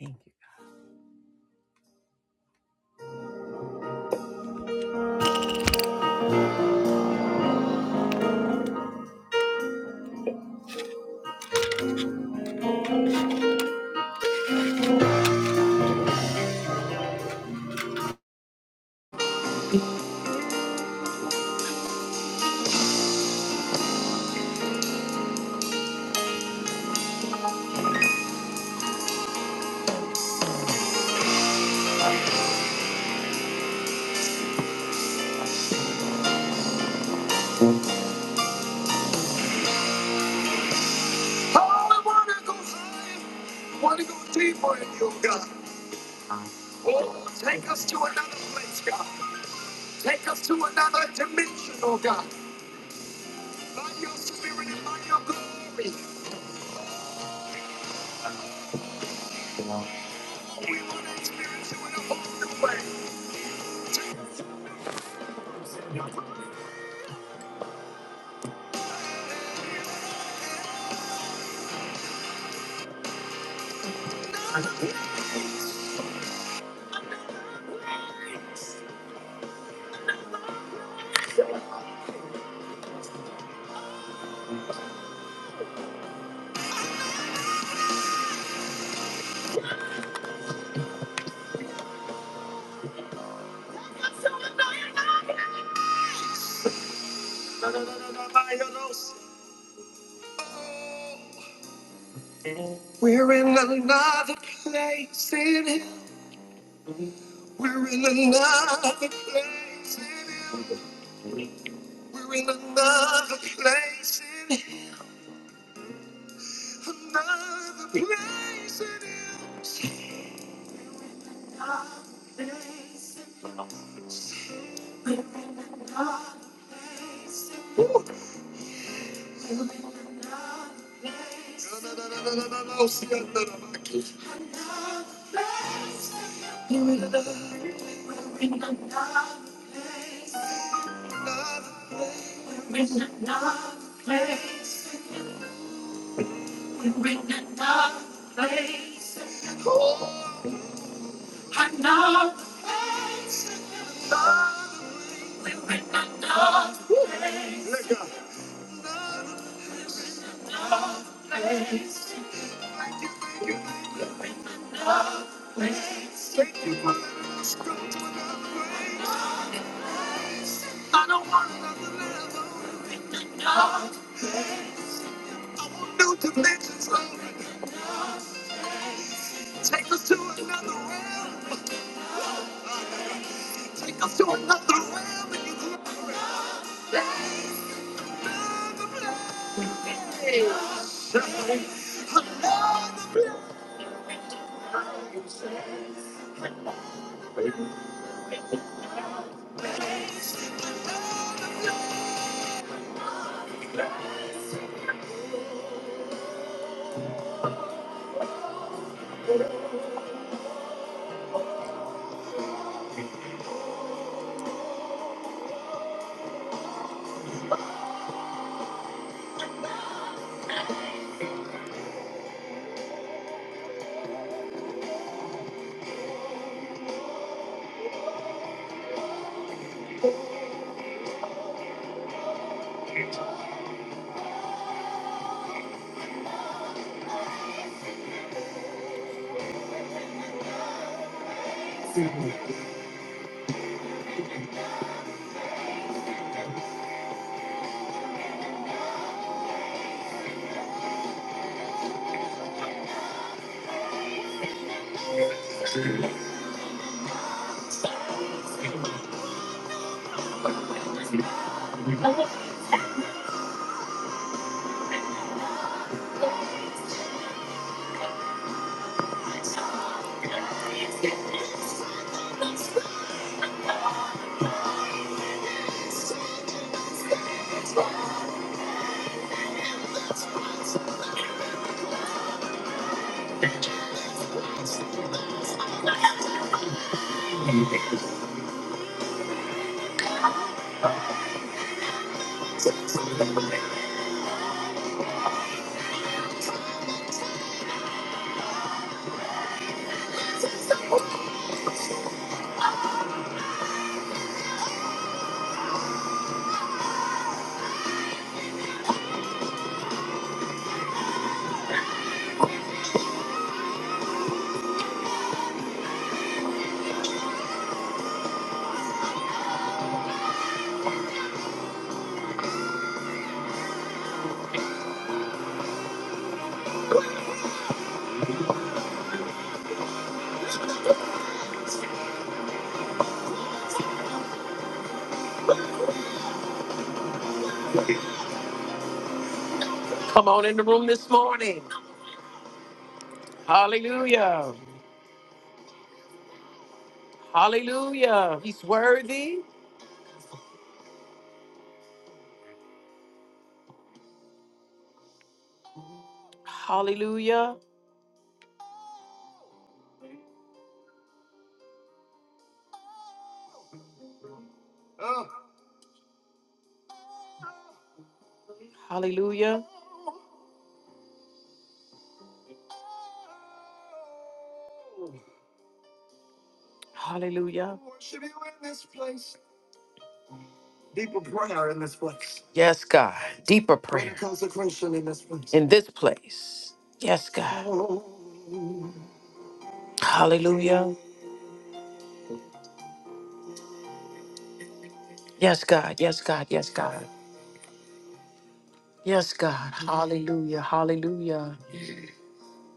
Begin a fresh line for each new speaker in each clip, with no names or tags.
Thank you. Oh, I want to go higher. I want to go deeper in you, God. Oh, take us to another place, God. Take us to another dimension, oh God. By your spirit and by your glory. Oh, we want to experience you in a whole new way. Take us- Na, na, na, na, na, by your nose. We're in another place in Him. We're in another place in Him. We're in another place in Him. Another place in Him. You're in another, in another place. You're in another place. You're in another place. Oh, another place. We're in another place. Let go. Place. Thank you. thank you, thank you. Place. Thank you for letting us go to another place. I don't want another level. New dimensions, Lord. Take us to another realm. Take us to another realm. in you. Hallelujah. Hallelujah. He's worthy. Hallelujah. Oh. Hallelujah. Hallelujah. Worship you in this place. Deeper prayer in this place. Yes, God. Deeper prayer. Greater consecration in this place. In this place. Yes, God. Hallelujah. Yes, God. Yes, God. Yes, God. Yes, God. Hallelujah. Hallelujah.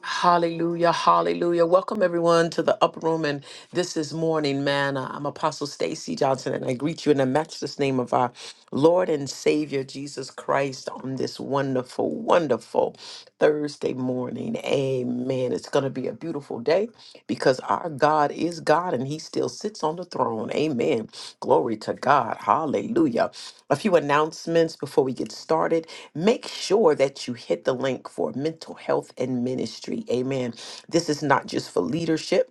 Hallelujah. Hallelujah. Welcome everyone to the upper room. And this is morning manna. I'm Apostle Stacy Johnson, and I greet you in the matchless name of our Lord and Savior Jesus Christ on this wonderful, wonderful Thursday morning. Amen. It's gonna be a beautiful beautiful day because our God is God and he still sits on the throne. Amen. Glory to God. Hallelujah. A few announcements before we get started. Make sure that you hit the link for mental health and ministry. Amen. This is not just for leadership.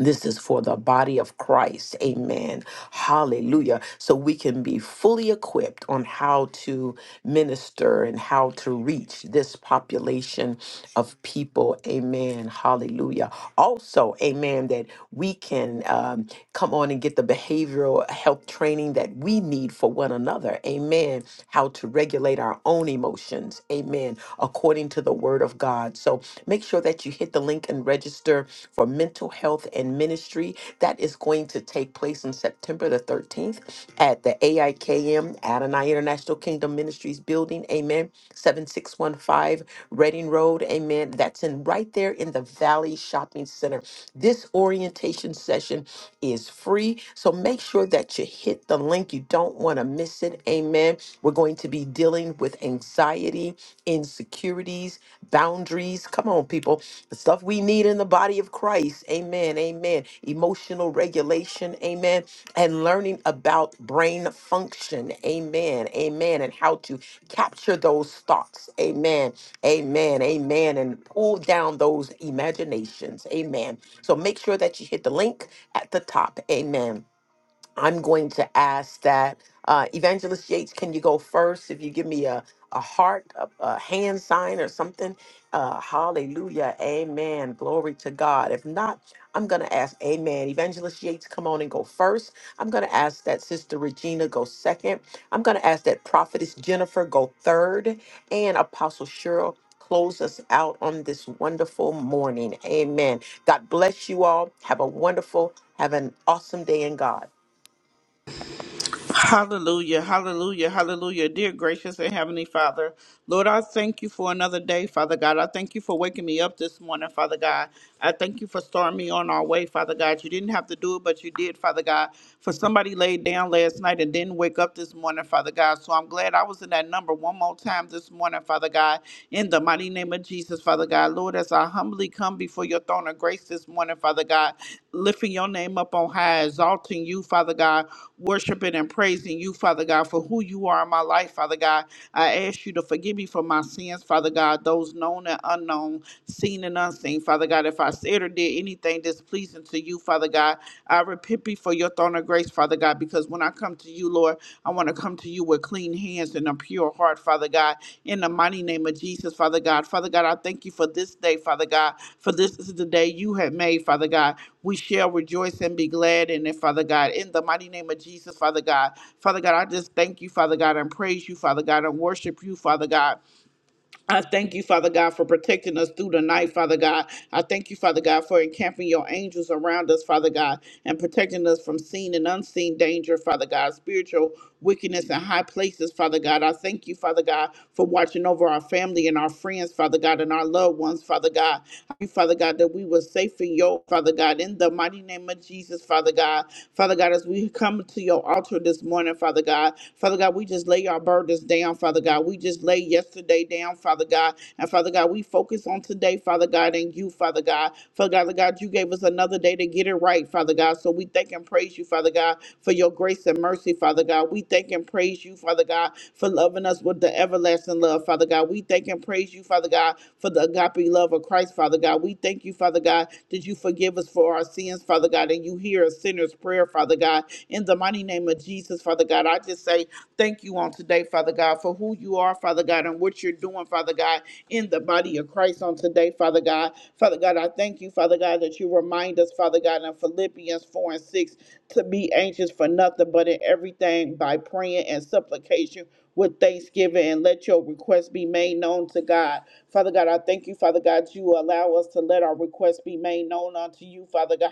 This is for the body of Christ. Amen. Hallelujah. So we can be fully equipped on how to minister and how to reach this population of people. Amen. Hallelujah. Also, amen, that we can um, come on and get the behavioral health training that we need for one another. Amen. How to regulate our own emotions. Amen. According to the word of God. God. So make sure that you hit the link and register for mental health and ministry. That is going to take place on September the 13th at the AIKM Adonai International Kingdom Ministries building. Amen. 7615 Reading Road. Amen. That's in right there in the Valley Shopping Center. This orientation session is free. So make sure that you hit the link. You don't want to miss it. Amen. We're going we're going to be dealing with anxiety, insecurities, boundaries. Come on, people. The stuff we need in the body of Christ. Amen. Amen. Emotional regulation. Amen. And learning about brain function. Amen. Amen. And how to capture those thoughts. Amen. Amen. Amen. And pull down those imaginations. Amen. So make sure that you hit the link at the top. Amen I'm going to ask that uh, Evangelist Yates, can you go first? If you give me a, a heart, a, a hand sign, or something. Uh, hallelujah. Amen. Glory to God. If not, I'm going to ask, Amen. Evangelist Yates, come on and go first. I'm going to ask that Sister Regina go second. I'm going to ask that Prophetess Jennifer go third. And Apostle Cheryl close us out on this wonderful morning. Amen. God bless you all. Have a wonderful, have an awesome day in God.
Hallelujah, hallelujah, hallelujah. Dear gracious and heavenly Father, Lord, I thank you for another day, Father God. I thank you for waking me up this morning, Father God. I thank you for starting me on our way, Father God. You didn't have to do it, but you did, Father God. For somebody laid down last night and didn't wake up this morning, Father God. So I'm glad I was in that number one more time this morning, Father God. In the mighty name of Jesus. Jesus, Father God. Lord, as I humbly come before your throne of grace this morning, Father God, lifting your name up on high, exalting you, Father God, worshiping and praising you, Father God, for who you are in my life, Father God. I ask you to forgive me for my sins, Father God, those known and unknown, seen and unseen, Father God. If I said or did anything displeasing to you, Father God, I repent before your your throne of grace, Father God, because when I come to you, Lord, I want to come to you with clean hands and a pure heart, Father God, in the mighty name of Jesus, Father God. Father God, I thank you for this day, Father God, for this is the day you have made, Father God. We shall rejoice and be glad in it, Father God, in the mighty name of Jesus, Father God. Father God, I just thank you, Father God, and praise you, Father God, and worship you, Father God I thank you, Father God, for protecting us through the night, Father God. I thank you, Father God, for encamping your angels around us, Father God, and protecting us from seen and unseen danger, Father God, spiritual wickedness in high places, Father God. I thank you, Father God, for watching over our family and our friends, Father God, and our loved ones, Father God you, Father God, that we were safe in your, Father God, in the mighty name of Jesus, Father God. Father God, as we come to your altar this morning, Father God, Father God, we just lay our burdens down, Father God. We just lay yesterday down, Father God. And Father God, we focus on today, Father God, and you, Father God. Father God, Father God, you gave us another day to get it right, Father God. So so we thank and praise you, Father God, for your grace and mercy, Father God. We thank and praise you, Father God, for loving us with the everlasting love, Father God. We thank and praise you, Father God, for the agape love of Christ, Father God. We thank you, Father God, that you forgive us for our sins, Father God, and you hear a sinner's prayer, Father God. In the mighty name of Jesus, Father God, I just say Thank you on today, Father God, for who you are, Father God, and what you're doing, Father God, in the body of Christ on today, Father God. Father God, I thank you, Father God, that you remind us, Father God, in Philippians 4 and 6, to be anxious for nothing but in everything by praying and supplication with thanksgiving and let your requests be made known to God. Father God, I thank you, Father God, you allow us to let our requests be made known unto you, Father God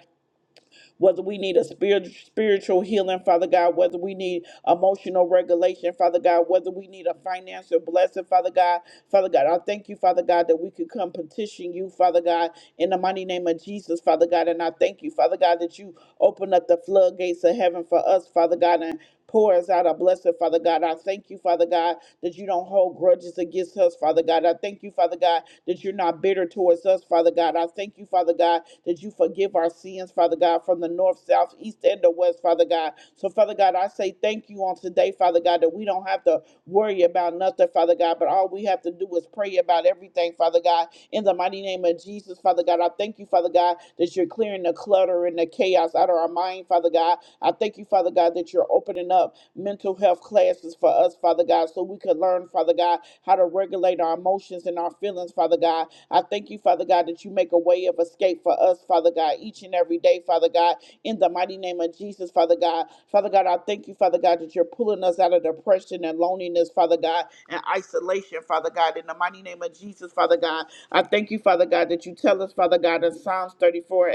whether we need a spirit, spiritual healing, Father God, whether we need emotional regulation, Father God, whether we need a financial blessing, Father God, Father God, I thank you, Father God, that we could come petition you, Father God, in the mighty name of Jesus, Father God, and I thank you, Father God, that you open up the floodgates of heaven for us, Father God, and pour us out a blessing, Father God. I thank you, Father God, that you don't hold grudges against us, Father God. I thank you, Father God, that you're not bitter towards us, Father God. I thank you, Father God, that you forgive our sins, Father God, from the north, south, east, and the west, Father God. So, Father God, I say thank you on today, Father God, that we don't have to worry about nothing, Father God, but all we have to do is pray about everything, Father God. In the mighty name of Jesus, Father God, I thank you, Father God, that you're clearing the clutter and the chaos out of our mind, Father God. I thank you, Father God, that you're opening up mental health classes for us, Father God, so we could learn, Father God, how to regulate our emotions and our feelings, Father God. I thank you, Father God, that you make a way of escape for us, Father God, each and every day, Father God, in the mighty name of Jesus, Father God. Father God, I thank you, Father God, that you're pulling us out of depression and loneliness, Father God, and isolation, Father God, in the mighty name of Jesus, Father God. I thank you, Father God, that you tell us, Father God, in Psalms 34:18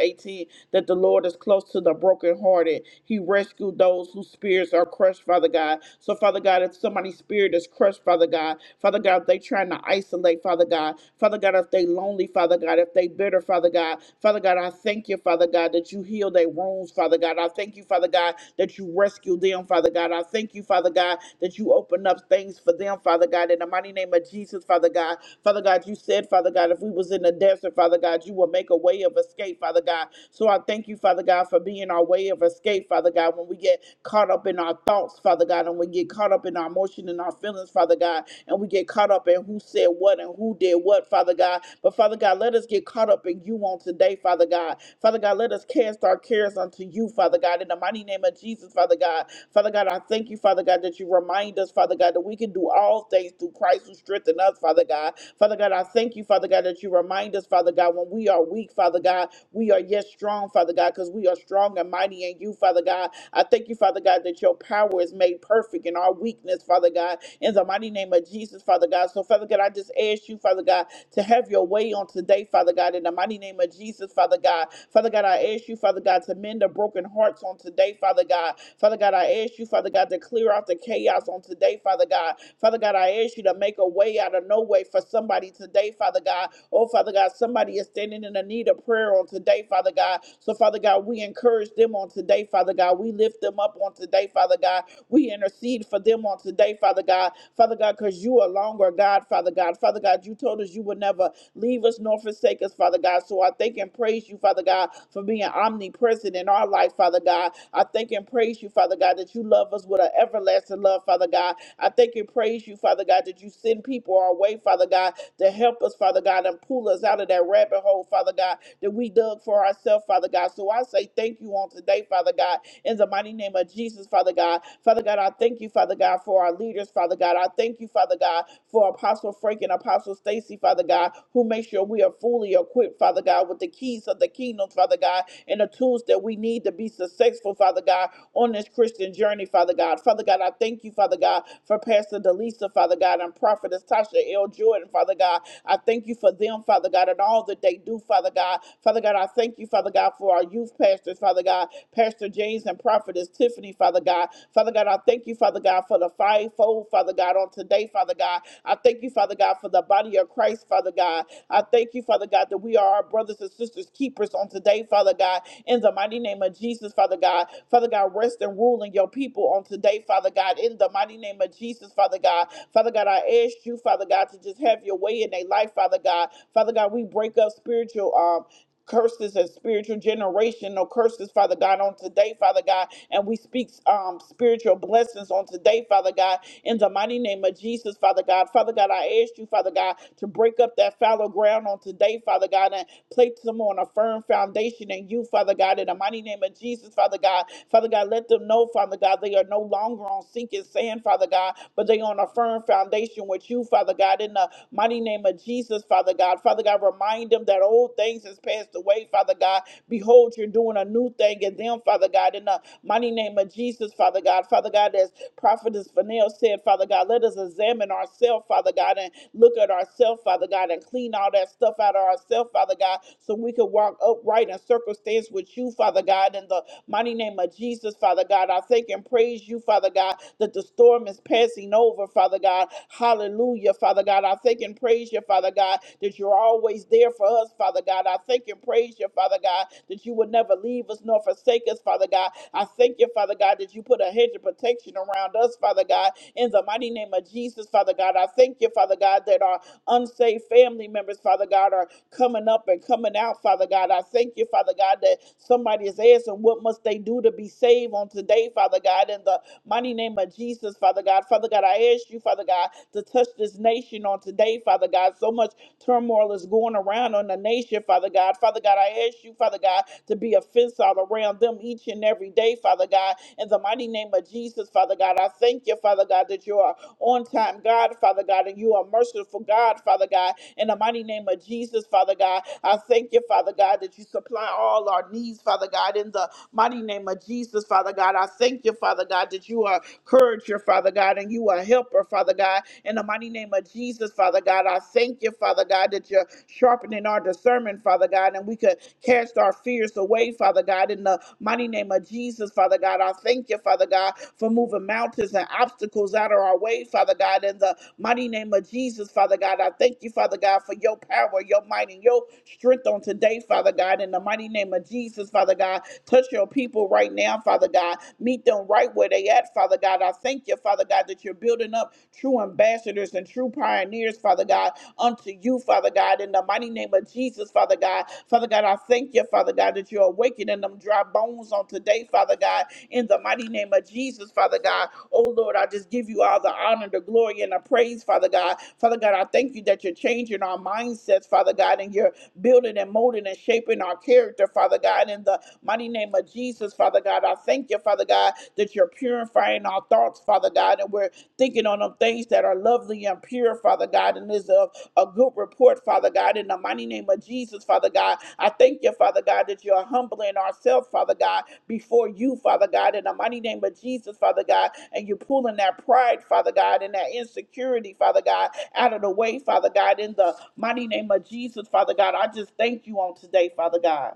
that the Lord is close to the brokenhearted. He rescued those whose spirits are crushed, Father God. So, Father God, if somebody's spirit is crushed, Father God, Father God, if they trying to isolate, Father God, Father God, if they lonely, Father God, if they bitter, Father God, God. Father God, I thank you, Father God, that you heal their wounds, Father God. I thank you, Father God, that you rescue them, Father God. I thank you, Father God, that you open up things for them, Father God, in the mighty name of Jesus, Father God. Father God, you said, Father God, if we was in the desert, Father God, you will make a way of escape, Father God. So I thank you, Father God, for being our way of escape, Father God, when we get caught up in our thoughts, Father God, and we get caught up in our emotion and our feelings, Father God, and we get caught up in who said what and who did what, Father God. But Father God, let us get caught up in you on today, Father God. Father God, let us cast our cares unto you, Father God, in the mighty name of Jesus, Father God. Father God, I thank you, Father God, that you remind us, Father God, that we can do all things through Christ who strengthens us, Father God. Father God, I thank you, Father God, that you remind us, Father God, when we are weak, Father God, we are yet strong, Father God, because we are strong and mighty in you, Father God. I thank you, Father God, that your power is made perfect in our weakness, Father God. In the mighty name of Jesus of Jesus, Father God. So, Father God, I just ask you, Father God, to have your way on today, Father God, in the mighty name of Jesus, Father God. Father God, I ask you, Father God, to mend the broken hearts on today, Father God. Father God, I ask you, Father God, to clear out the chaos on today, Father God. Father God, I ask you to make a way out of no way for somebody today, Father God. Oh, Father God, somebody is standing in the need of prayer on today, Father God. So, Father God, we encourage them on today, Father God. We lift them up on today, Father God. We intercede intercede for them on today, Father God. Father God, because you are longer, God, Father God. Father God, you told us you would never leave us nor forsake us, Father God. So I thank and praise you, Father God, for being omnipresent in our life, Father God. I thank and praise you, Father God, that you love us with an everlasting love, Father God. I thank and praise you, Father God, that you send people our way, Father God, to help us, Father God, and pull us out of that rabbit hole, Father God, that we dug for ourselves, Father God. So I say thank you on today, Father God in the mighty name of Jesus, Father God. Father God, I thank you, Father God, for our leaders, Father God. I thank you, Father God, for Apostle Frank and Apostle Stacy, Father God, who make sure we are fully equipped, Father God, with the keys of the kingdom, Father God, and the tools that we need to be successful, Father God, on this Christian journey, Father God. Father God, I thank you, Father God, for Pastor Delisa, Father God, and Prophetess Tasha L. Jordan, Father God. I thank you for them, Father God, and all that they do, Father God. Father God, I thank you, Father God, for our youth youth pastors, Father God, Pastor James and Prophetess Tiffany, Father God. Father God, I thank you, Father God, for the fivefold, Father God, on today, Father God. I thank you, Father God, for the body of Christ, Father God. I thank you, Father God, that we are our brothers and sisters keepers on today, Father God. In the mighty name of Jesus, Father God. Father God, rest and rule in your people on today, Father God. In the mighty name of Jesus, Father God. Father God, I ask you, Father God, to just have your way in their life, Father God. Father God, we break up spiritual. um curses and spiritual generational curses, Father God, on today, Father God. And we speak um, spiritual blessings on today, Father God, in the mighty name of Jesus, Father God. Father God, I ask you, Father God, to break up that fallow ground on today, Father God, and place them on a firm foundation in you, Father God, in the mighty name of Jesus, Father. Father God. Father God, let them know, Father God, they are no longer on sinking sand, Father God, but they on a firm foundation with you, Father God, in the mighty name of Jesus, Father God. Father God, remind them that old things has passed away, Father God. Behold, you're doing a new thing in them, Father God, in the mighty name of Jesus, Father God. Father God, as Prophetess Vanel said, Father God, let us examine ourselves, Father God, and look at ourselves, Father God, and clean all that stuff out of ourselves, Father God, so we could walk upright in circumstance with you, Father God, in the mighty name of Jesus, Father God. I thank and praise you, Father God, that the storm is passing over, Father God. Hallelujah, Father God. I thank and praise you, Father God, that you're always there for us, Father God. I thank and praise you, Father God, that you will never leave us nor forsake us, Father God. I thank you, Father God, that you put a hedge of protection around us, Father God, in the mighty name of Jesus, Father God. I thank you, Father God, that our unsaved family members, Father God, are coming up and coming out, Father God. I thank you, Father God, that somebody is asking what must they do to be saved on today, Father God, in the mighty name of Jesus, Father God. Father God, I ask you, Father God, to touch this nation on today, Father God. So much turmoil is going around on the nation, Father God. Father God, I ask you, Father God, to be a fence all around them each and every day, Father God. In the mighty name of Jesus, Father God, I thank you, Father God, that you are on time, God, Father God, and you are merciful, God, Father God. In the mighty name of Jesus, Father God, I thank you, Father God, that you supply all our needs, Father God. In the mighty name of Jesus, Father God, I thank you, Father God, that you are courageous, Father God, and you are helper, Father God. In the mighty name of Jesus, Father God, I thank you, Father God, that you're sharpening our discernment, Father God, and we could cast our fears away, Father God. In the mighty name of Jesus, Father God, I thank you, Father God, for moving mountains and obstacles out of our way, Father God. In the mighty name of Jesus, Father God, I thank you, Father God, for your power, your might, and your strength on today, Father God. In the mighty name of Jesus, Father God, touch your people right now, Father God. Meet them right where they at, Father God. I thank you, Father God, that you're building up true ambassadors and true pioneers, Father God, unto you, Father God, in the mighty name of Jesus, Father God. Father God, I thank you, Father God, that you're awakening them dry bones on today, Father God, in the mighty name of Jesus, Father God. Oh Lord, I just give you all the honor, the glory, and the praise, Father God. Father God, I thank you that you're changing our mindsets, Father God, and you're building and molding and shaping our character, Father God, in the Mighty name of Jesus, Father God, I thank you, Father God, that you're purifying our thoughts, Father God, and we're thinking on them things that are lovely and pure, Father God, and is of a good report, Father God, in the mighty name of Jesus, Father God. I thank you, Father God, that you're humbling ourselves, Father God, before you, Father God, in the mighty name of Jesus, Father God, and you're pulling that pride, Father God, and that insecurity, Father God, out of the way, Father God, in the mighty name of Jesus, Father God. I just thank you on today, Father God.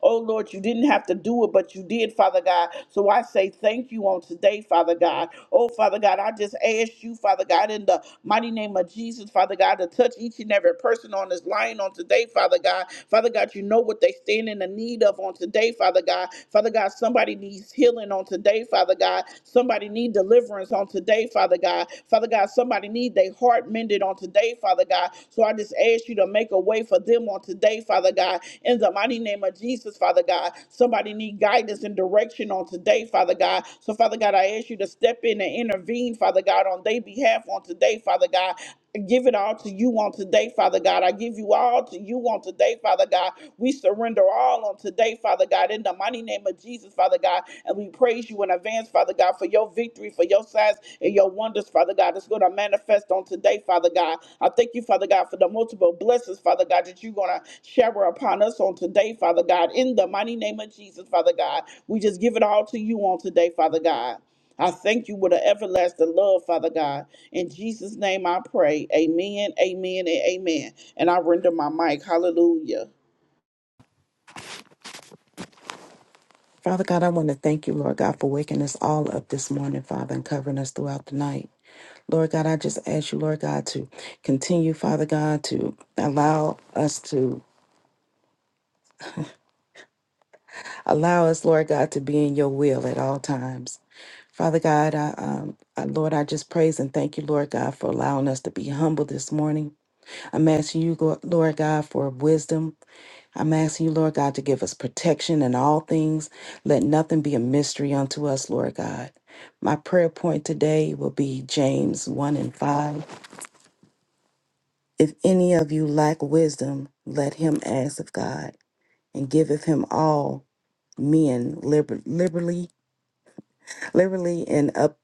Oh Lord, you didn't have to do it, but you did, Father God. So I say thank you on today, Father God. Oh, Father God, I just ask you, Father God, in the mighty name of Jesus, Father God, to touch each and every person on this line on today, Father God. Father God, you know what they stand in the need of on today, Father God. Father God, somebody needs healing on today, Father God. Somebody need deliverance on today, Father God. Father God, somebody need their heart mended on today, Father God. So I just ask you to make a way for them on today, Father God. In the mighty name of Jesus, Father God. Somebody need guidance and direction on today, Father God. So Father God, I ask you to step in and intervene, Father God, on their behalf on today, Father God. I give it all to you on today, Father God. I give you all to you on today, Father God. We surrender all on today, Father God, in the mighty name of Jesus, Father God. And we praise you in advance, Father God, for your victory, for your signs and your wonders, Father God, that's going to manifest on today, Father God. I thank you, Father God, for the multiple blessings, Father God, that you're going to shower upon us on today, Father God, in the mighty name of Jesus, Father God. We just give it all to you on today, Father God. I thank you with an everlasting love, Father God. In Jesus' name I pray. Amen, amen, and amen. And I render my mic. Hallelujah.
Father God, I want to thank you, Lord God, for waking us all up this morning, Father, and covering us throughout the night. Lord God, I just ask you, Lord God, to continue, Father God, to allow us to allow us, Lord God, to be in your will at all times. Father God, I, um, I, Lord, I just praise and thank you, Lord God, for allowing us to be humble this morning. I'm asking you, Go- Lord God, for wisdom, I'm asking you, Lord God, to give us protection in all things. Let nothing be a mystery unto us, Lord God. My prayer point today will be James 1 and 5. If any of you lack wisdom, let him ask of God, and giveth him all men liber- liberally, liberally, and up,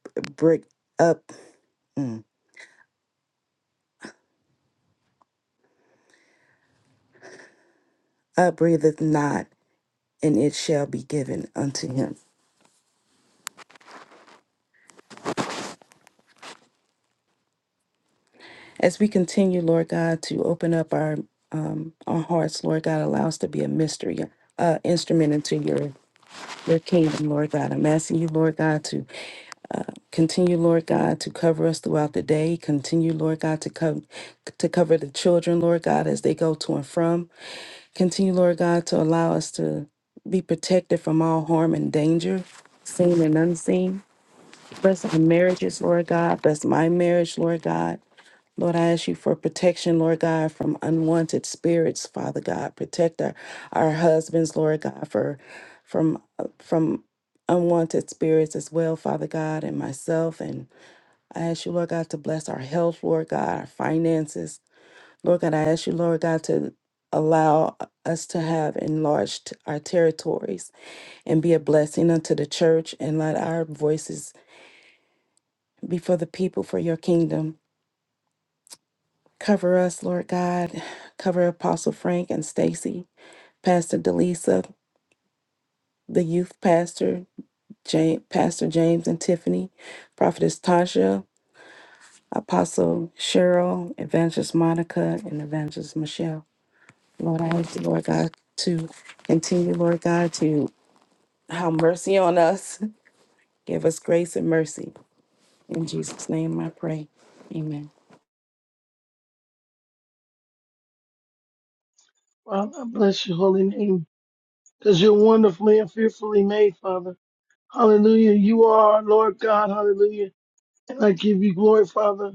up, mm, upbreatheth not, and it shall be given unto him. As we continue, Lord God, to open up our um, our hearts, Lord God, allow us to be a mystery uh, instrument into your your kingdom, Lord God. I'm asking you, Lord God, to continue, Lord God, to cover us throughout the day. Continue, Lord God, to cover to cover the children, Lord God, as they go to and from. Continue, Lord God, to allow us to be protected from all harm and danger, seen and unseen. Bless our marriages, Lord God. Bless my marriage, Lord God. Lord, I ask you for protection, Lord God, from unwanted spirits, Father God. Protect our, our husbands, Lord God, for from from unwanted spirits as well, Father God, and myself. And I ask you, Lord God, to bless our health, Lord God, our finances. Lord God, I ask you, Lord God, to allow us to have enlarged our territories and be a blessing unto the church and let our voices be for the people for your kingdom. Cover us, Lord God. Cover Apostle Frank and Stacy, Pastor Delisa, the youth pastor, James, Pastor James and Tiffany, Prophetess Tasha, Apostle Cheryl, Evangelist Monica, and Evangelist Michelle. Lord, I ask you, Lord God, to continue, Lord God, to have mercy on us. Give us grace and mercy. In Jesus' name I pray. Amen.
Father, I bless your holy name because you're wonderfully and fearfully made, Father. Hallelujah. You are our Lord God. Hallelujah. And I give you glory, Father.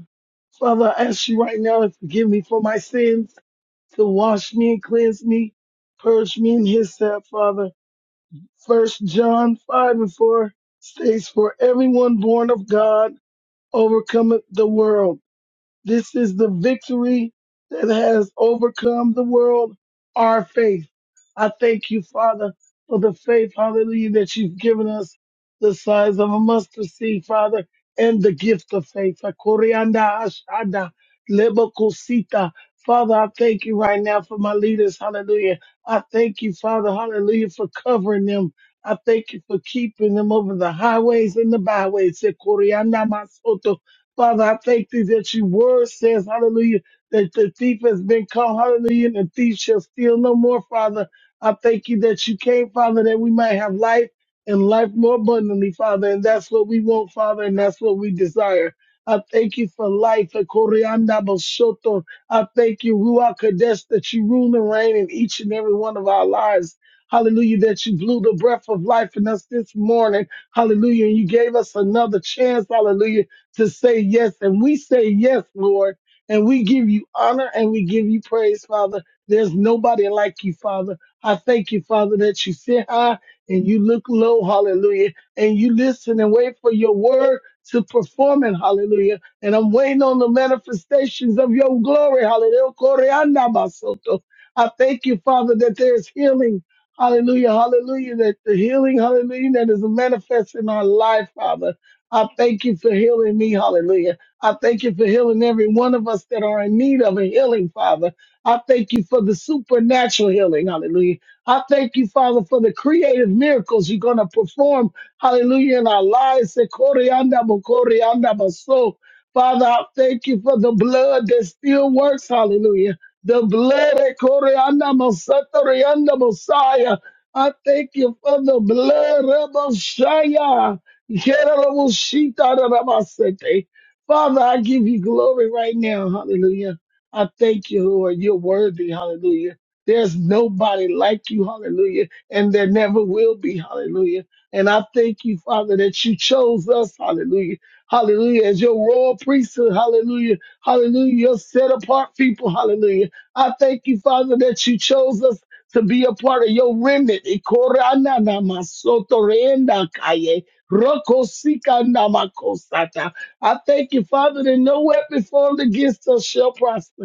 Father, I ask you right now to forgive me for my sins, to wash me and cleanse me, purge me in his step, Father. First John 5 and 4 states, For everyone born of God overcometh the world. This is the victory that has overcome the world, our faith. I thank you, Father, for the faith, hallelujah, that you've given us the size of a mustard seed, Father, and the gift of faith. Akorianda ashada, lebokosita. Father, I thank you right now for my leaders, hallelujah. I thank you, Father, hallelujah, for covering them. I thank you for keeping them over the highways and the byways. Ekorianda masoto. Father, I thank thee that your word says, hallelujah, that the thief has been caught, hallelujah, and the thief shall steal no more, Father. I thank you that you came, Father, that we might have life and life more abundantly, Father. And that's what we want, Father, and that's what we desire. I thank you for life. the Koryanda Bosoto. I thank you, Ruach Kadesh, that you rule and reign in each and every one of our lives. Hallelujah, that you blew the breath of life in us this morning. Hallelujah. And you gave us another chance. Hallelujah to say yes. And we say yes, Lord. And we give you honor and we give you praise, Father. There's nobody like you, Father. I thank you, Father, that you sit high and you look low, hallelujah. And you listen and wait for your word to perform it, hallelujah. And I'm waiting on the manifestations of your glory, hallelujah. Koreanda basoto. I thank you, Father, that there's healing, hallelujah, hallelujah, that the healing, hallelujah, that is manifest in our life, Father. I thank you for healing me. Hallelujah. I thank you for healing every one of us that are in need of a healing, Father. I thank you for the supernatural healing. Hallelujah. I thank you, Father, for the creative miracles you're going to perform. Hallelujah. In our lives. Se corianda bo corianda bo so. Father, I thank you for the blood that still works. Hallelujah. The blood of Corianda Messiah. I thank you for the blood of Messiah. Yerabashitaramasete. Father, I give you glory right now. Hallelujah. I thank you, Lord. You're worthy. Hallelujah. There's nobody like you. Hallelujah. And there never will be. Hallelujah. And I thank you, Father, that you chose us. Hallelujah. Hallelujah. As your royal priesthood. Hallelujah. Hallelujah. Your set apart people. Hallelujah. I thank you, Father, that you chose us to be a part of your remnant. Ikorananamasotoreendakaye. Rokosika namakosata. I thank you, Father, that no weapon formed against us shall prosper.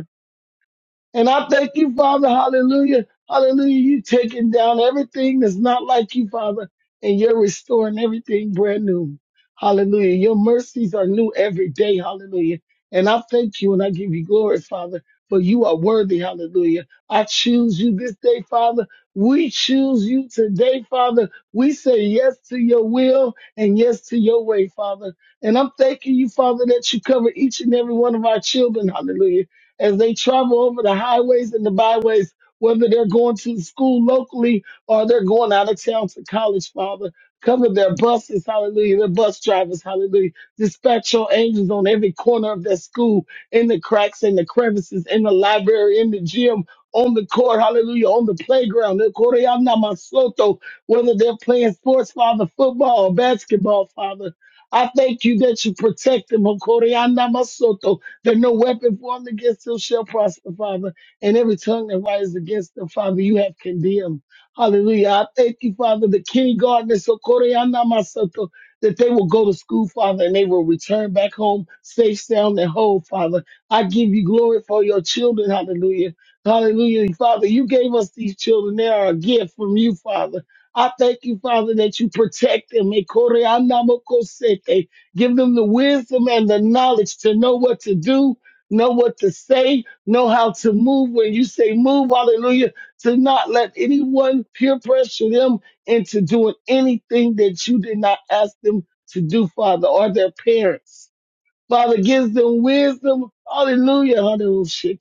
And I thank you, Father. Hallelujah. Hallelujah. You taking down everything that's not like you, Father, and you're restoring everything brand new. Hallelujah. Your mercies are new every day. Hallelujah. And I thank you and I give you glory, Father, for you are worthy. Hallelujah. I choose you this day, Father. We choose you today, Father. We say yes to your will and yes to your way, Father. And I'm thanking you, Father, that you cover each and every one of our children. Hallelujah as they travel over the highways and the byways, whether they're going to school locally or they're going out of town to college, Father. Cover their buses, hallelujah, their bus drivers, hallelujah. Dispatch your angels on every corner of their school, in the cracks, in the crevices, in the library, in the gym, on the court, hallelujah, on the playground. the Koreana Masoto, Whether they're playing sports, Father, football, or basketball, Father. I thank you that you protect them. O Koreana Masoto that no weapon formed against them shall prosper, Father. And every tongue that rises against them, Father, you have condemned. Hallelujah. I thank you, Father, the kindergartners, Sokoriana Masato, that they will go to school, Father, and they will return back home safe, sound, and whole, Father. I give you glory for your children. Hallelujah. Hallelujah. Father, you gave us these children. They are a gift from you, Father. I thank you, Father, that you protect them. Ekoriana Mokosete. Give them the wisdom and the knowledge to know what to do, know what to say, know how to move. When you say move, hallelujah, to not let anyone peer pressure them into doing anything that you did not ask them to do, Father, or their parents. Father, gives them wisdom. Hallelujah. Hallelujah.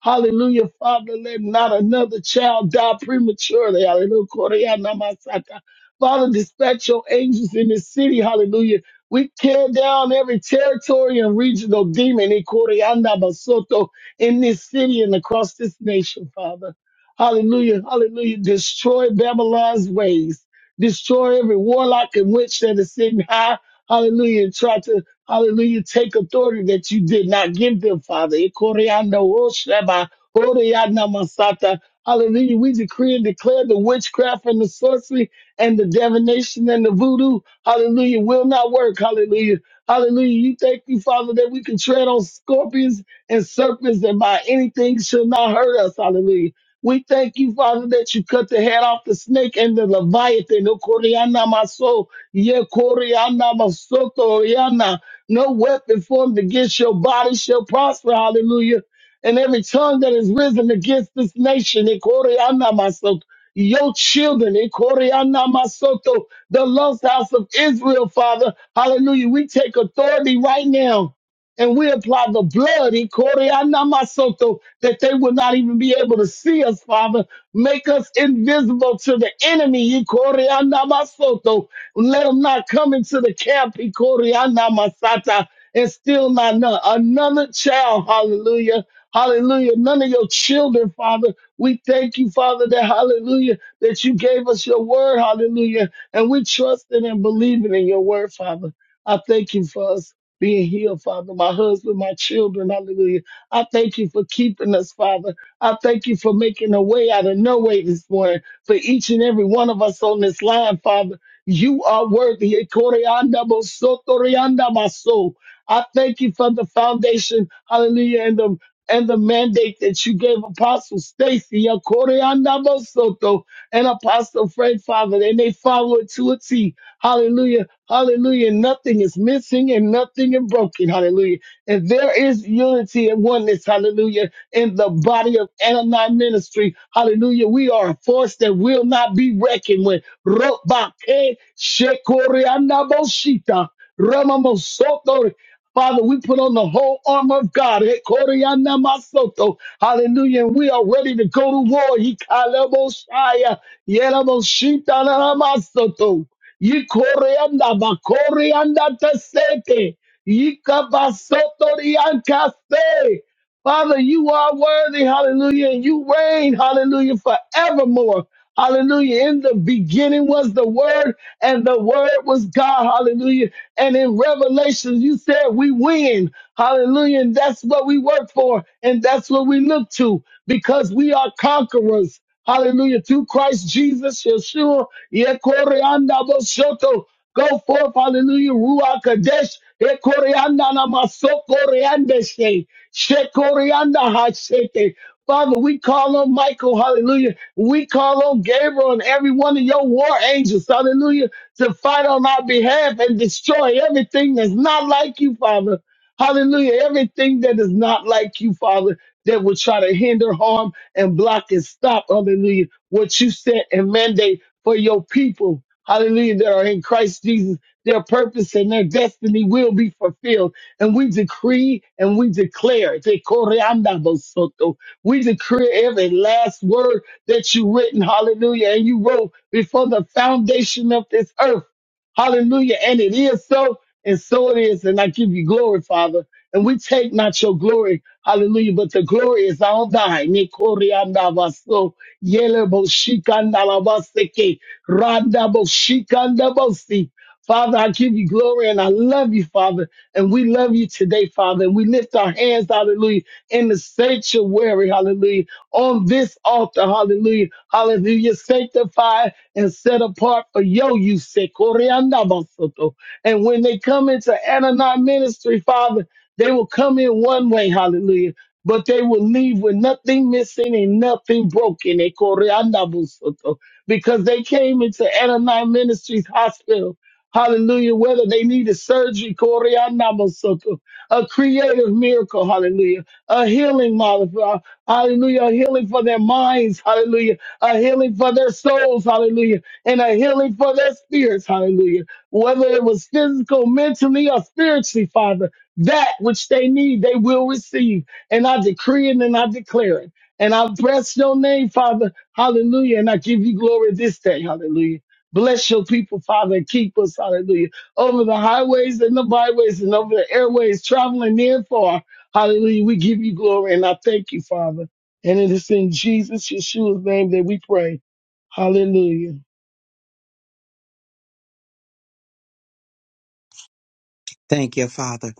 Hallelujah, Father, let not another child die prematurely. Hallelujah. Koreanamasaka. Father, dispatch your angels in this city. Hallelujah. We tear down every territory and regional demon in Koreanabasoto, in this city and across this nation, Father. Hallelujah. Hallelujah. Destroy Babylon's ways. Destroy every warlock and witch that is sitting high hallelujah, and try to, hallelujah, take authority that you did not give them, Father. Ikoriando osheba, oreyana masata. Hallelujah. We decree and declare the witchcraft and the sorcery and the divination and the voodoo, hallelujah, will not work. Hallelujah. Hallelujah. You thank you, Father, that we can tread on scorpions and serpents and by anything shall not hurt us. Hallelujah. We thank you, Father, that you cut the head off the snake and the Leviathan. O Koryana Maso. Ye Koreana Masoto Riana. No weapon formed against your body shall prosper. Hallelujah. And every tongue that is risen against this nation, ye Koreana Masoto, your children, ye Koreana Masoto, the lost house of Israel, Father. Hallelujah. We take authority right now. And we apply the blood, ye Koreana Masoto, that they will not even be able to see us, Father. Make us invisible to the enemy. ye Koreana Masoto let them not come into the camp, Ikoriana Masata, and still not know. Another child, hallelujah. Hallelujah. None of your children, Father. We thank you, Father, that hallelujah, that you gave us your word, hallelujah. And we trusted and believing in your word, Father. I thank you for us being healed, Father. My husband, my children, hallelujah. I thank you for keeping us, Father. I thank you for making a way out of no way this morning for each and every one of us on this line, Father. You are worthy. Ekoreanda bosotorianda maso. I thank you for the foundation, hallelujah, and the and the mandate that you gave Apostle Stacy, Ekoreanda bosoto, and Apostle Frank, Father, and they follow it to a T. Hallelujah, hallelujah. Nothing is missing and nothing is broken. Hallelujah. And there is unity and oneness, hallelujah, in the body of Anani ministry. Hallelujah. We are a force that will not be reckoned with. Robake shekorianaboshita, ramamosoto. Father, we put on the whole armor of God. Hekorianamasoto. Hallelujah. And we are ready to go to war. Hikaleboshaya, yelaboshita, namasoto. Yikoreanda, bakorianda, tasete. Yikabasotoriankaste. Father, you are worthy, hallelujah, and you reign, hallelujah, forevermore. Hallelujah. In the beginning was the word, and the word was God. Hallelujah. And in Revelation, you said we win. Hallelujah. And that's what we work for, and that's what we look to because we are conquerors. Hallelujah. Through Christ Jesus, Yeshua, Yekoreanda Boshoto. Go forth, hallelujah, Ruach Kadesh, Yekoreanda Namasoko Reandeshe. Shekorianda Haseke. Father, we call on Michael, hallelujah. We call on Gabriel and every one of your war angels, hallelujah, to fight on our behalf and destroy everything that's not like you, Father. Hallelujah. Everything that is not like you, Father, that will try to hinder, harm, and block and stop, hallelujah, what you set and mandate for your people, hallelujah, that are in Christ Jesus. Their purpose and their destiny will be fulfilled and we decree and we declare. Te koreanda bosoto. We decree every last word that you written, hallelujah, and you wrote before the foundation of this earth. Hallelujah. And it is so, and so it is. And I give you glory, Father. And we take not your glory, hallelujah, but the glory is all thine. Ni koreanda baso. Yele boshikanda labaseke. Randa boshikanda bosi. Father, I give you glory and I love you, Father. And we love you today, Father. And we lift our hands, hallelujah, in the sanctuary, hallelujah, on this altar, hallelujah, hallelujah, sanctified and set apart for your use. say, Koreanabasoto. And when they come into Anani ministry, Father, they will come in one way, hallelujah, but they will leave with nothing missing and nothing broken. eh, Koreanabasoto. Because they came into Anani Ministries Hospital Hallelujah. Whether they needed surgery, Koreanamasoko, a creative miracle, hallelujah. A healing, mother- uh, hallelujah. A healing for their minds, hallelujah. A healing for their souls, hallelujah. And a healing for their spirits, hallelujah. Whether it was physical, mentally, or spiritually, Father, that which they need, they will receive. And I decree it and I declare it. And I bless your name, Father. Hallelujah. And I give you glory this day. Hallelujah. Bless your people, Father, and keep us, hallelujah, over the highways and the byways and over the airways, traveling near and far. Hallelujah. We give you glory and I thank you, Father. And it is in Jesus, Yeshua's name that we pray. Hallelujah.
Thank you, Father.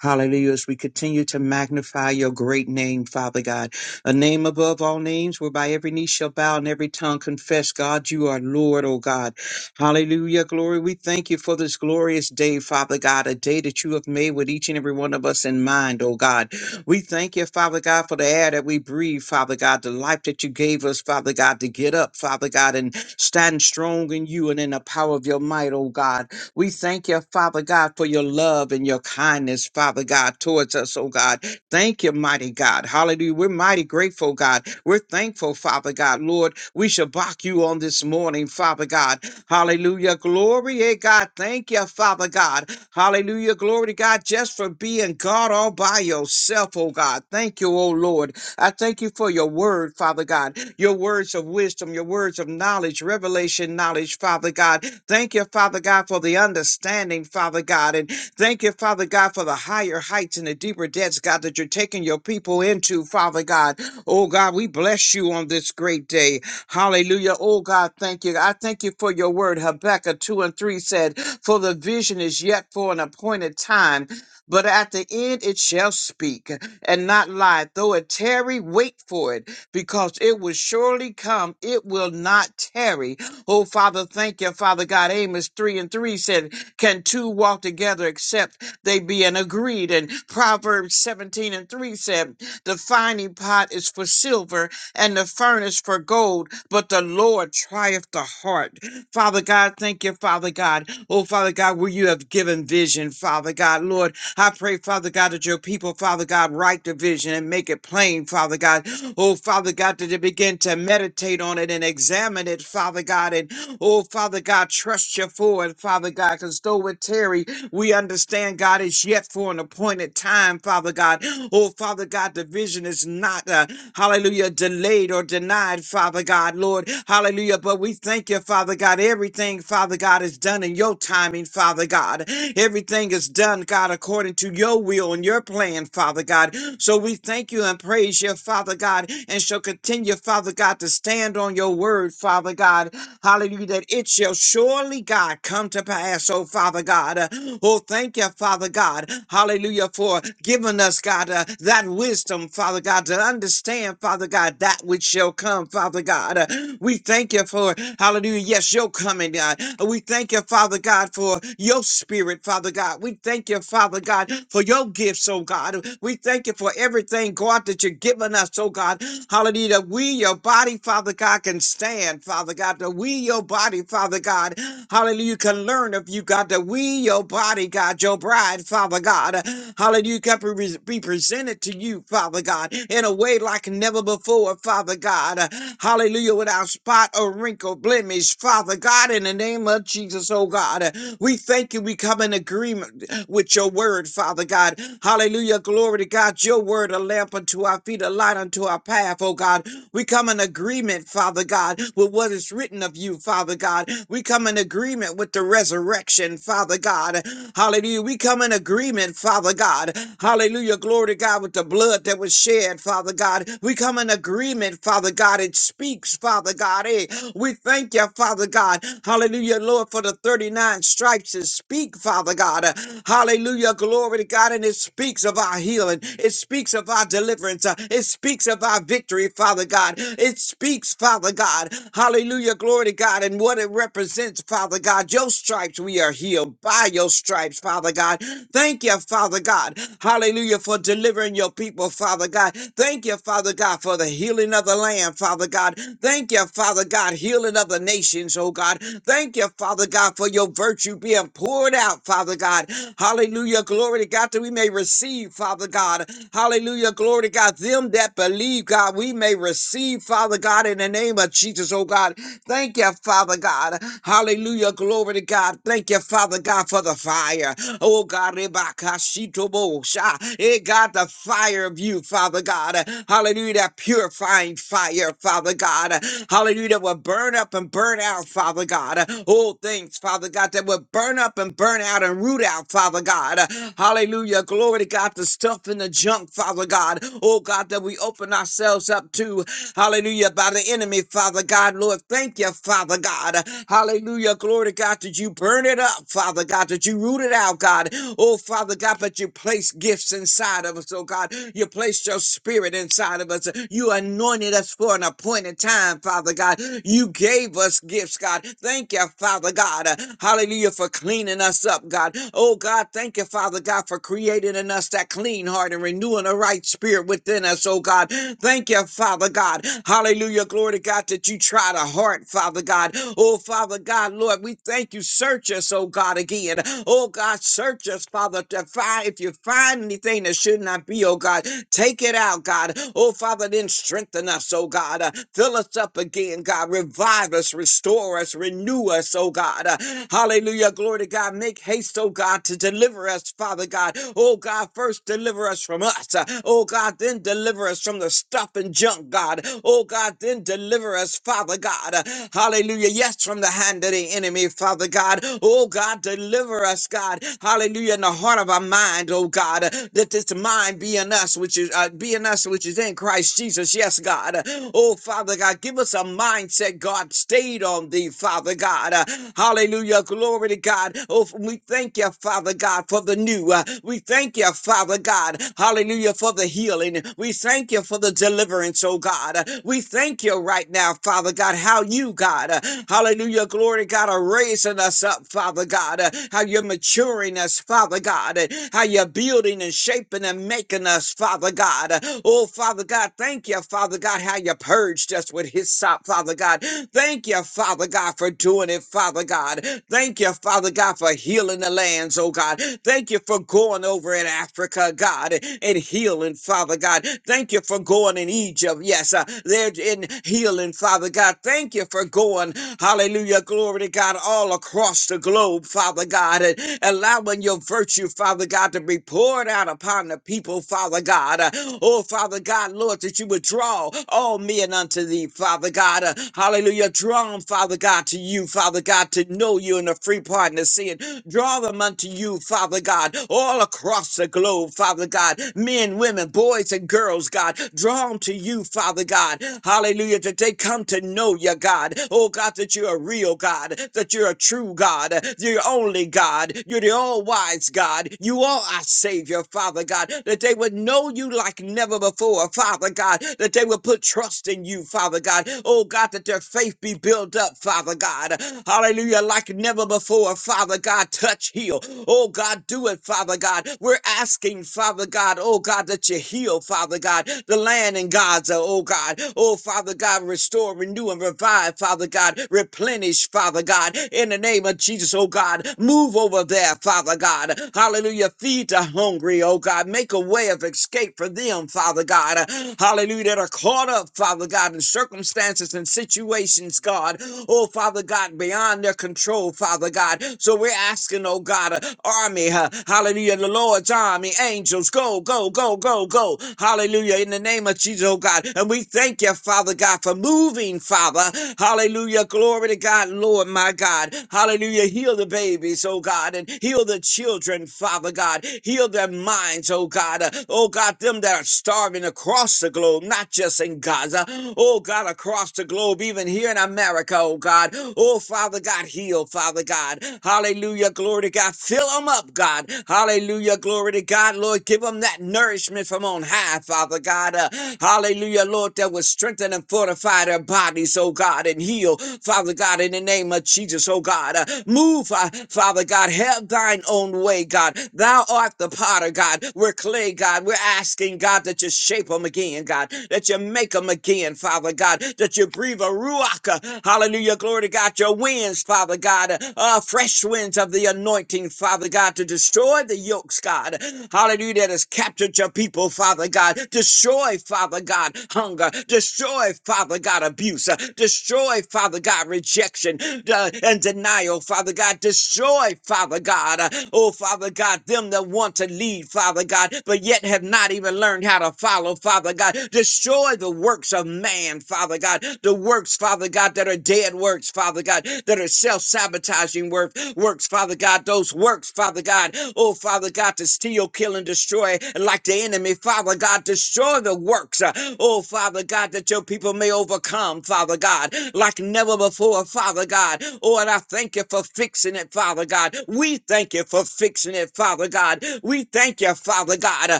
Hallelujah. As we continue to magnify your great name, Father God, a name above all names, whereby every knee shall bow and every tongue confess, God, you are Lord, O God. Hallelujah. Glory. We thank you for this glorious day, Father God, a day that you have made with each and every one of us in mind, O God. We thank you, Father God, for the air that we breathe, Father God, the life that you gave us, Father God, to get up, Father God, and stand strong in you and in the power of your might, O God. We thank you, Father God, for your love and your kindness, Father God, towards us, oh God. Thank you, mighty God. Hallelujah. We're mighty grateful, God. We're thankful, Father God. Lord, we shall back you on this morning, Father God. Hallelujah. Glory, eh, God. Thank you, Father God. Hallelujah. Glory to God just for being God all by yourself, oh God. Thank you, oh Lord. I thank you for your word, Father God, your words of wisdom, your words of knowledge, revelation knowledge, Father God. Thank you, Father God, for the understanding, Father God. And thank you, Father God, for the higher heights and the deeper depths, God, that you're taking your people into, Father God. Oh, God, we bless you on this great day. Hallelujah. Oh, God, thank you. I thank you for your word. Habakkuk 2 and 3 said, For the vision is yet for an appointed time, but at the end it shall speak and not lie. Though it tarry, wait for it, because it will surely come. It will not tarry. Oh, Father, thank you, Father God. Amos 3 and 3 said, Can two walk together except they be in agreed? And Proverbs 17 and 3 said, The finding pot is for silver and the furnace for gold, but the Lord trieth the heart. Father God, thank you, Father God. Oh, Father God, where you have given vision, Father God, Lord. I pray, Father God, that your people, Father God, write the vision and make it plain, Father God. Oh, Father God, that they begin to meditate on it and examine it, Father God. And oh, Father God, trust you for it, Father God, because though it tarry, we understand, God, it's yet for an appointed time, Father God. Oh, Father God, the vision is not, uh, hallelujah, delayed or denied, Father God, Lord. Hallelujah. But we thank you, Father God. Everything, Father God, is done in your timing, Father God. Everything is done, God, according to your will and your plan, Father God. So we thank you and praise you, Father God, and shall continue, Father God, to stand on your word, Father God. Hallelujah, that it shall surely, God, come to pass, oh Father God. Uh, Oh, thank you, Father God. Hallelujah, for giving us, God, uh, that wisdom, Father God, to understand, Father God, that which shall come, Father God. Uh, we thank you for, hallelujah, yes, your coming, God. We thank you, Father God, for your spirit, Father God. We thank you, Father God, for your gifts, oh God. We thank you for everything, God, that you're giving us, oh God. Hallelujah, that we, your body, Father God, can stand, Father God, that we, your body, Father God, hallelujah, can learn of you, God, that we, your body, body, God, your bride, Father God. Hallelujah, can be be presented to you, Father God, in a way like never before, Father God. Hallelujah, without spot or wrinkle, blemish, Father God, in the name of Jesus, oh God. We thank you. We come in agreement with your word, Father God. Hallelujah, glory to God. Your word, a lamp unto our feet, a light unto our path, oh God. We come in agreement, Father God, with what is written of you, Father God. We come in agreement with the resurrection, Father God. Hallelujah. We come in agreement, Father God. Hallelujah. Glory to God with the blood that was shed, Father God. We come in agreement, Father God. It speaks, Father God. Eh, we thank you, Father God. Hallelujah, Lord, for the 39 stripes that speak, Father God. Uh, Hallelujah, glory to God. And it speaks of our healing. It speaks of our deliverance. Uh, It speaks of our victory, Father God. It speaks, Father God. Hallelujah, glory to God. And what it represents, Father God. Your stripes, we are healed by your stripes stripes, Father God. Thank you, Father God. Hallelujah, for delivering your people, Father God. Thank you, Father God, for the healing of the land, Father God. Thank you, Father God, healing of the nations, oh God. Thank you, Father God, for your virtue being poured out, Father God. Hallelujah, glory to God, that we may receive, Father God. Hallelujah, glory to God, them that believe, God, we may receive, Father God, in the name of Jesus, oh God. Thank you, Father God. Hallelujah, glory to God. Thank you, Father God, for the fire fire. Oh God, Rebakashitobosha. Eh, God, the fire of you, Father God. Hallelujah. That purifying fire, Father God. Hallelujah. That will burn up and burn out, Father God. All things, Father God, that will burn up and burn out and root out, Father God. Hallelujah. Glory to God. The stuff in the junk, Father God. Oh God, that we open ourselves up to. Hallelujah. By the enemy, Father God. Lord, thank you, Father God. Hallelujah. Glory to God. that you burn it up, Father God? that you root rooted out, God. Oh, Father God, but you place gifts inside of us, oh God. You placed your spirit inside of us. You anointed us for an appointed time, Father God. You gave us gifts, God. Thank you, Father God. Uh, Hallelujah for cleaning us up, God. Oh, God, thank you, Father God, for creating in us that clean heart and renewing the right spirit within us, oh God. Thank you, Father God. Hallelujah. Glory to God that you try to heart, Father God. Oh, Father God, Lord, we thank you. Search us, oh God, again. Oh, Oh God, search us, Father, to find if you find anything that should not be, oh God, take it out, God. Oh Father, then strengthen us, oh God. Uh, fill us up again, God. Revive us, restore us, renew us, oh God. Uh, hallelujah. Glory to God. Make haste, oh God, to deliver us, Father God. Oh God, first deliver us from us. Uh, oh God, then deliver us from the stuff and junk, God. Oh God, then deliver us, Father God. Uh, hallelujah. Yes, from the hand of the enemy, Father God. Oh God, deliver us, God. God. Hallelujah. In the heart of our mind, oh God, that this mind be in us, which is uh, be in us, which is in Christ Jesus. Yes, God. Oh, Father God, give us a mindset, God, stayed on thee, Father God. Uh, Hallelujah. Glory to God. Oh, f- we thank you, Father God, for the new. Uh, We thank you, Father God. Hallelujah, for the healing. We thank you for the deliverance, oh God. Uh, We thank you right now, Father God, how you, God. uh, Hallelujah. Glory to God, are raising us up, Father God. uh, How you're maturing maturing us, Father God, and how you're building and shaping and making us, Father God. Oh, Father God, thank you, Father God, how you purged us with His sop, Father God. Thank you, Father God, for doing it, Father God. Thank you, Father God, for healing the lands, oh God. Thank you for going over in Africa, God, and healing, Father God. Thank you for going in Egypt, yes, uh, there in healing, Father God. Thank you for going, hallelujah, glory to God, all across the globe, Father God. and, allowing your virtue, Father God, to be poured out upon the people, Father God. Uh, Oh, Father God, Lord, that you would draw all men unto thee, Father God. Uh, Hallelujah. Draw them, Father God, to you, Father God, to know you in the free pardon of sin. Draw them unto you, Father God, all across the globe, Father God. Men, women, boys, and girls, God, draw them to you, Father God. Hallelujah. That they come to know you, God. Oh, God, that you're a real God, that you're a true God, you're only God, you're you're the all wise God. You are our Savior, Father God, that they would know you like never before, Father God, that they would put trust in you, Father God. Oh God, that their faith be built up, Father God. Hallelujah, like never before, Father God. Touch, heal. Oh God, do it, Father God. We're asking, Father God, oh God, that you heal, Father God, the land in Gaza, oh God. Oh Father God, restore, renew, and revive, Father God. Replenish, Father God, in the name of Jesus, oh God. Move over there there, Father God. Hallelujah. Feed the hungry, oh God. Make a way of escape for them, Father God. Hallelujah. That are caught up, Father God, in circumstances and situations, God. Oh, Father God, beyond their control, Father God. So we're asking, oh God, uh, army, uh, hallelujah, the Lord's army, angels, go, go, go, go, go. Hallelujah. In the name of Jesus, oh God. And we thank you, Father God, for moving, Father. Hallelujah. Glory to God, Lord, my God. Hallelujah. Heal the babies, oh God, and Heal the children, Father God. Heal their minds, oh God. Uh, Oh God, them that are starving across the globe, not just in Gaza. Oh God, across the globe, even here in America, oh God. Oh Father God, heal, Father God. Hallelujah, glory to God. Fill them up, God. Hallelujah, glory to God. Lord, give them that nourishment from on high, Father God. Uh, hallelujah, Lord, that will strengthen and fortify their bodies, oh God, and heal, Father God, in the name of Jesus, oh God. Uh, move, uh, Father God. Help thine own way, God. Thou art the potter, God. We're clay, God. We're asking, God, that you shape them again, God. That you make them again, Father God. That you breathe a ruach, uh, hallelujah, glory to God. Your winds, Father God. Uh, uh, fresh winds of the anointing, Father God, to destroy the yokes, God. Hallelujah, that has captured your people, Father God. Destroy, Father God, hunger. Destroy, Father God, abuse. Uh, Destroy, Father God, rejection uh, and denial, Father God. Destroy, Father God. God. Uh, Oh, Father God, them that want to lead, Father God, but yet have not even learned how to follow, Father God. Destroy the works of man, Father God. The works, Father God, that are dead works, Father God, that are self sabotaging work, works, Father God. Those works, Father God. Oh, Father God, to steal, kill, and destroy like the enemy, Father God. Destroy the works, uh, oh, Father God, that your people may overcome, Father God, like never before, Father God. Oh, and I thank you for fixing it, Father God. We thank thank you for fixing it, Father God. We thank you, Father God. Uh,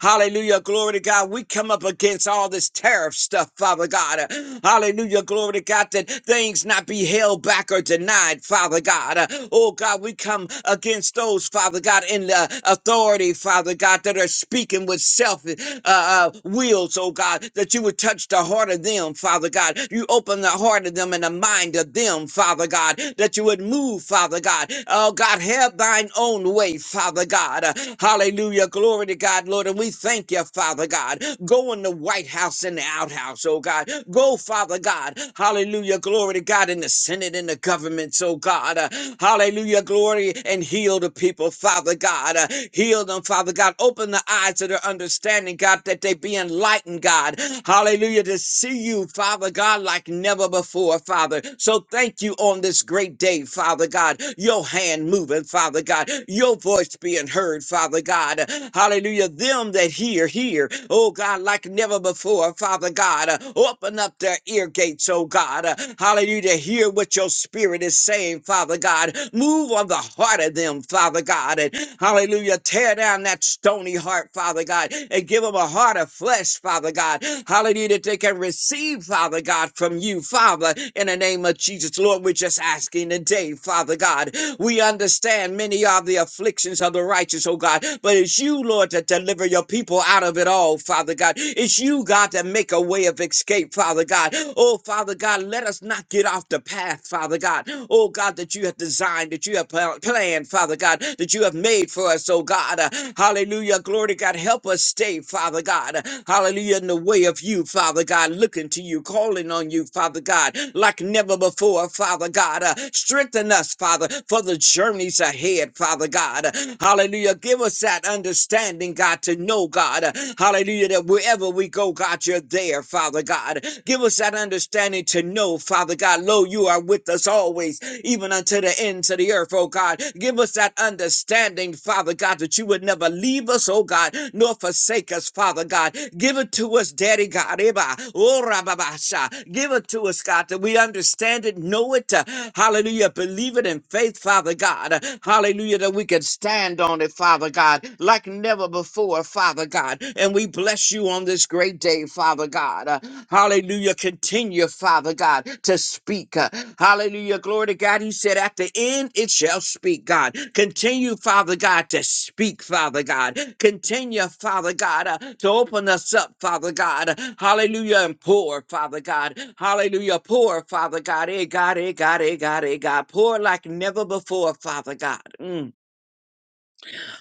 Hallelujah. Glory to God. We come up against all this tariff stuff, Father God. Uh, Hallelujah. Glory to God that things not be held back or denied, Father God. Uh, Oh God, we come against those, Father God, in the authority, Father God, that are speaking with selfish uh, uh, wills, oh God, that you would touch the heart of them, Father God. You open the heart of them and the mind of them, Father God, that you would move, Father God. Oh God, have thine thine own way, Father God. Hallelujah. Glory to God, Lord. And we thank you, Father God. Go in the White House and the outhouse, oh God. Go, Father God. Hallelujah. Glory to God in the Senate and the governments, oh God. Uh, Hallelujah. Glory and heal the people, Father God. Uh, Heal them, Father God. Open the eyes of their understanding, God, that they be enlightened, God. Hallelujah. To see you, Father God, like never before, Father. So thank you on this great day, Father God. Your hand moving, Father God. God. Your voice being heard, Father God. Hallelujah. Them that hear, hear. Oh God, like never before, Father God. Open up their ear gates, oh God. Hallelujah. To hear what your spirit is saying, Father God. Move on the heart of them, Father God. And hallelujah. Tear down that stony heart, Father God, and give them a heart of flesh, Father God. Hallelujah. That they can receive, Father God, from you, Father, in the name of Jesus. Lord, we're just asking today, Father God. We understand many are many are the afflictions of the righteous, oh God. But it's you, Lord, that deliver your people out of it all, Father God. It's you, God, that make a way of escape, Father God. Oh, Father God, let us not get off the path, Father God. Oh, God, that you have designed, that you have pl- planned, Father God, that you have made for us, oh God. Uh, hallelujah. Glory to God. Help us stay, Father God. Uh, hallelujah. In the way of you, Father God, looking to you, calling on you, Father God, like never before, Father God. Uh, strengthen us, Father, for the journeys ahead, Father God. Hallelujah. Give us that understanding, God, to know, God. Hallelujah. That wherever we go, God, you're there, Father God. Give us that understanding to know, Father God. Lo, you are with us always, even unto the ends of the earth, oh God. Give us that understanding, Father God, that you would never leave us, oh God, nor forsake us, Father God. Give it to us, Daddy God. Eba, oh, rababasha. Give it to us, God, that we understand it, know it. uh, Hallelujah. Believe it in faith, Father God. Hallelujah hallelujah, that we can stand on it, Father God, like never before, Father God. And we bless you on this great day, Father God. Uh, hallelujah, continue, Father God, to speak. Uh, hallelujah, glory to God. He said, At the end it shall speak, God. Continue, Father God, to speak, Father God. Continue, Father God, uh, to open us up, Father God. Hallelujah, and pour, Father God. Hallelujah, pour, Father God. Eh, God, eh, God, eh, God, eh, God. Pour like never before, Father God. Mm.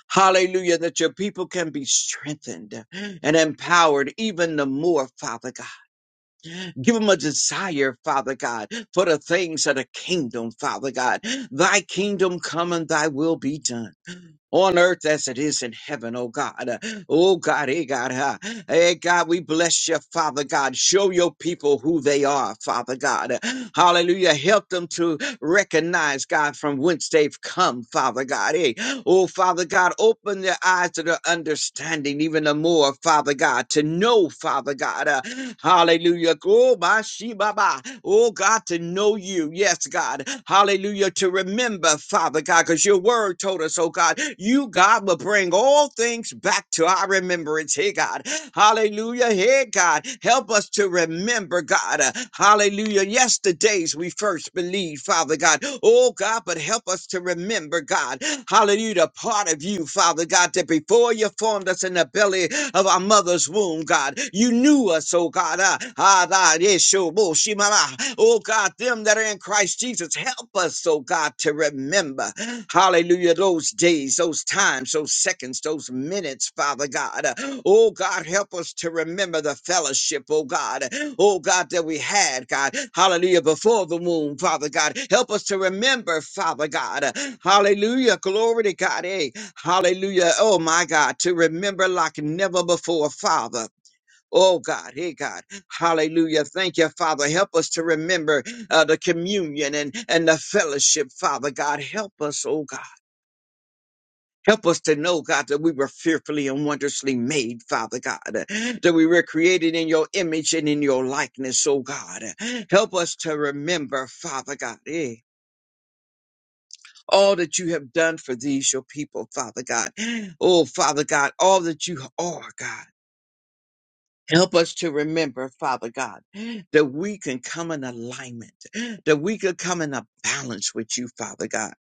Hallelujah, that your people can be strengthened and empowered even the more, Father God. Give them a desire, Father God, for the things of the kingdom, Father God. Thy kingdom come and thy will be done. On earth as it is in heaven, oh God. Oh God, eh God, huh? Hey God, we bless you, Father God. Show your people who they are, Father God. Hallelujah. Help them to Recognize, God, from whence they've come, Father God. Hey, oh, Father God, open their eyes to their understanding even the more, Father God, to know, Father God. Uh, hallelujah. Oh, my she, ba, ba. Oh, God, to know you. Yes, God. Hallelujah. To remember, Father God, because your word told us, oh, God, you, God, will bring all things back back to our remembrance, hey God. Hallelujah, hey God. Help us to remember, God. Uh, hallelujah. Yesterday's we first believed, Father God. Oh God, but help us to remember, God. Hallelujah, the part of you, Father God, that before you formed us in the belly of our mother's womb, God, you knew us, oh God. Uh, ah, da, yes, sure, bo, shima, ah. Oh God, them that are in Christ Jesus, help us, oh God, to remember, hallelujah, those days, those times, those seconds, those minutes, Father God. Oh God, help us to remember the fellowship, oh God, oh God, that we had, God, hallelujah, before the womb, Father God. Help us to remember, Father God, hallelujah, glory to God, eh? hallelujah, oh my God, to remember like never before, Father. Oh God, hey God, hallelujah. Thank you, Father. Help us to remember uh, the communion and, and the fellowship, Father God. Help us, oh God. Help us to know, God, that we were fearfully and wondrously made, Father God, that we were created in your image and in your likeness, oh God. Help us to remember, Father God, eh, all that you have done for these, your people, Father God. Oh, Father God, all that you are, God. Help us to remember, Father God, that we can come in alignment, that we can come in a balance with you, Father God.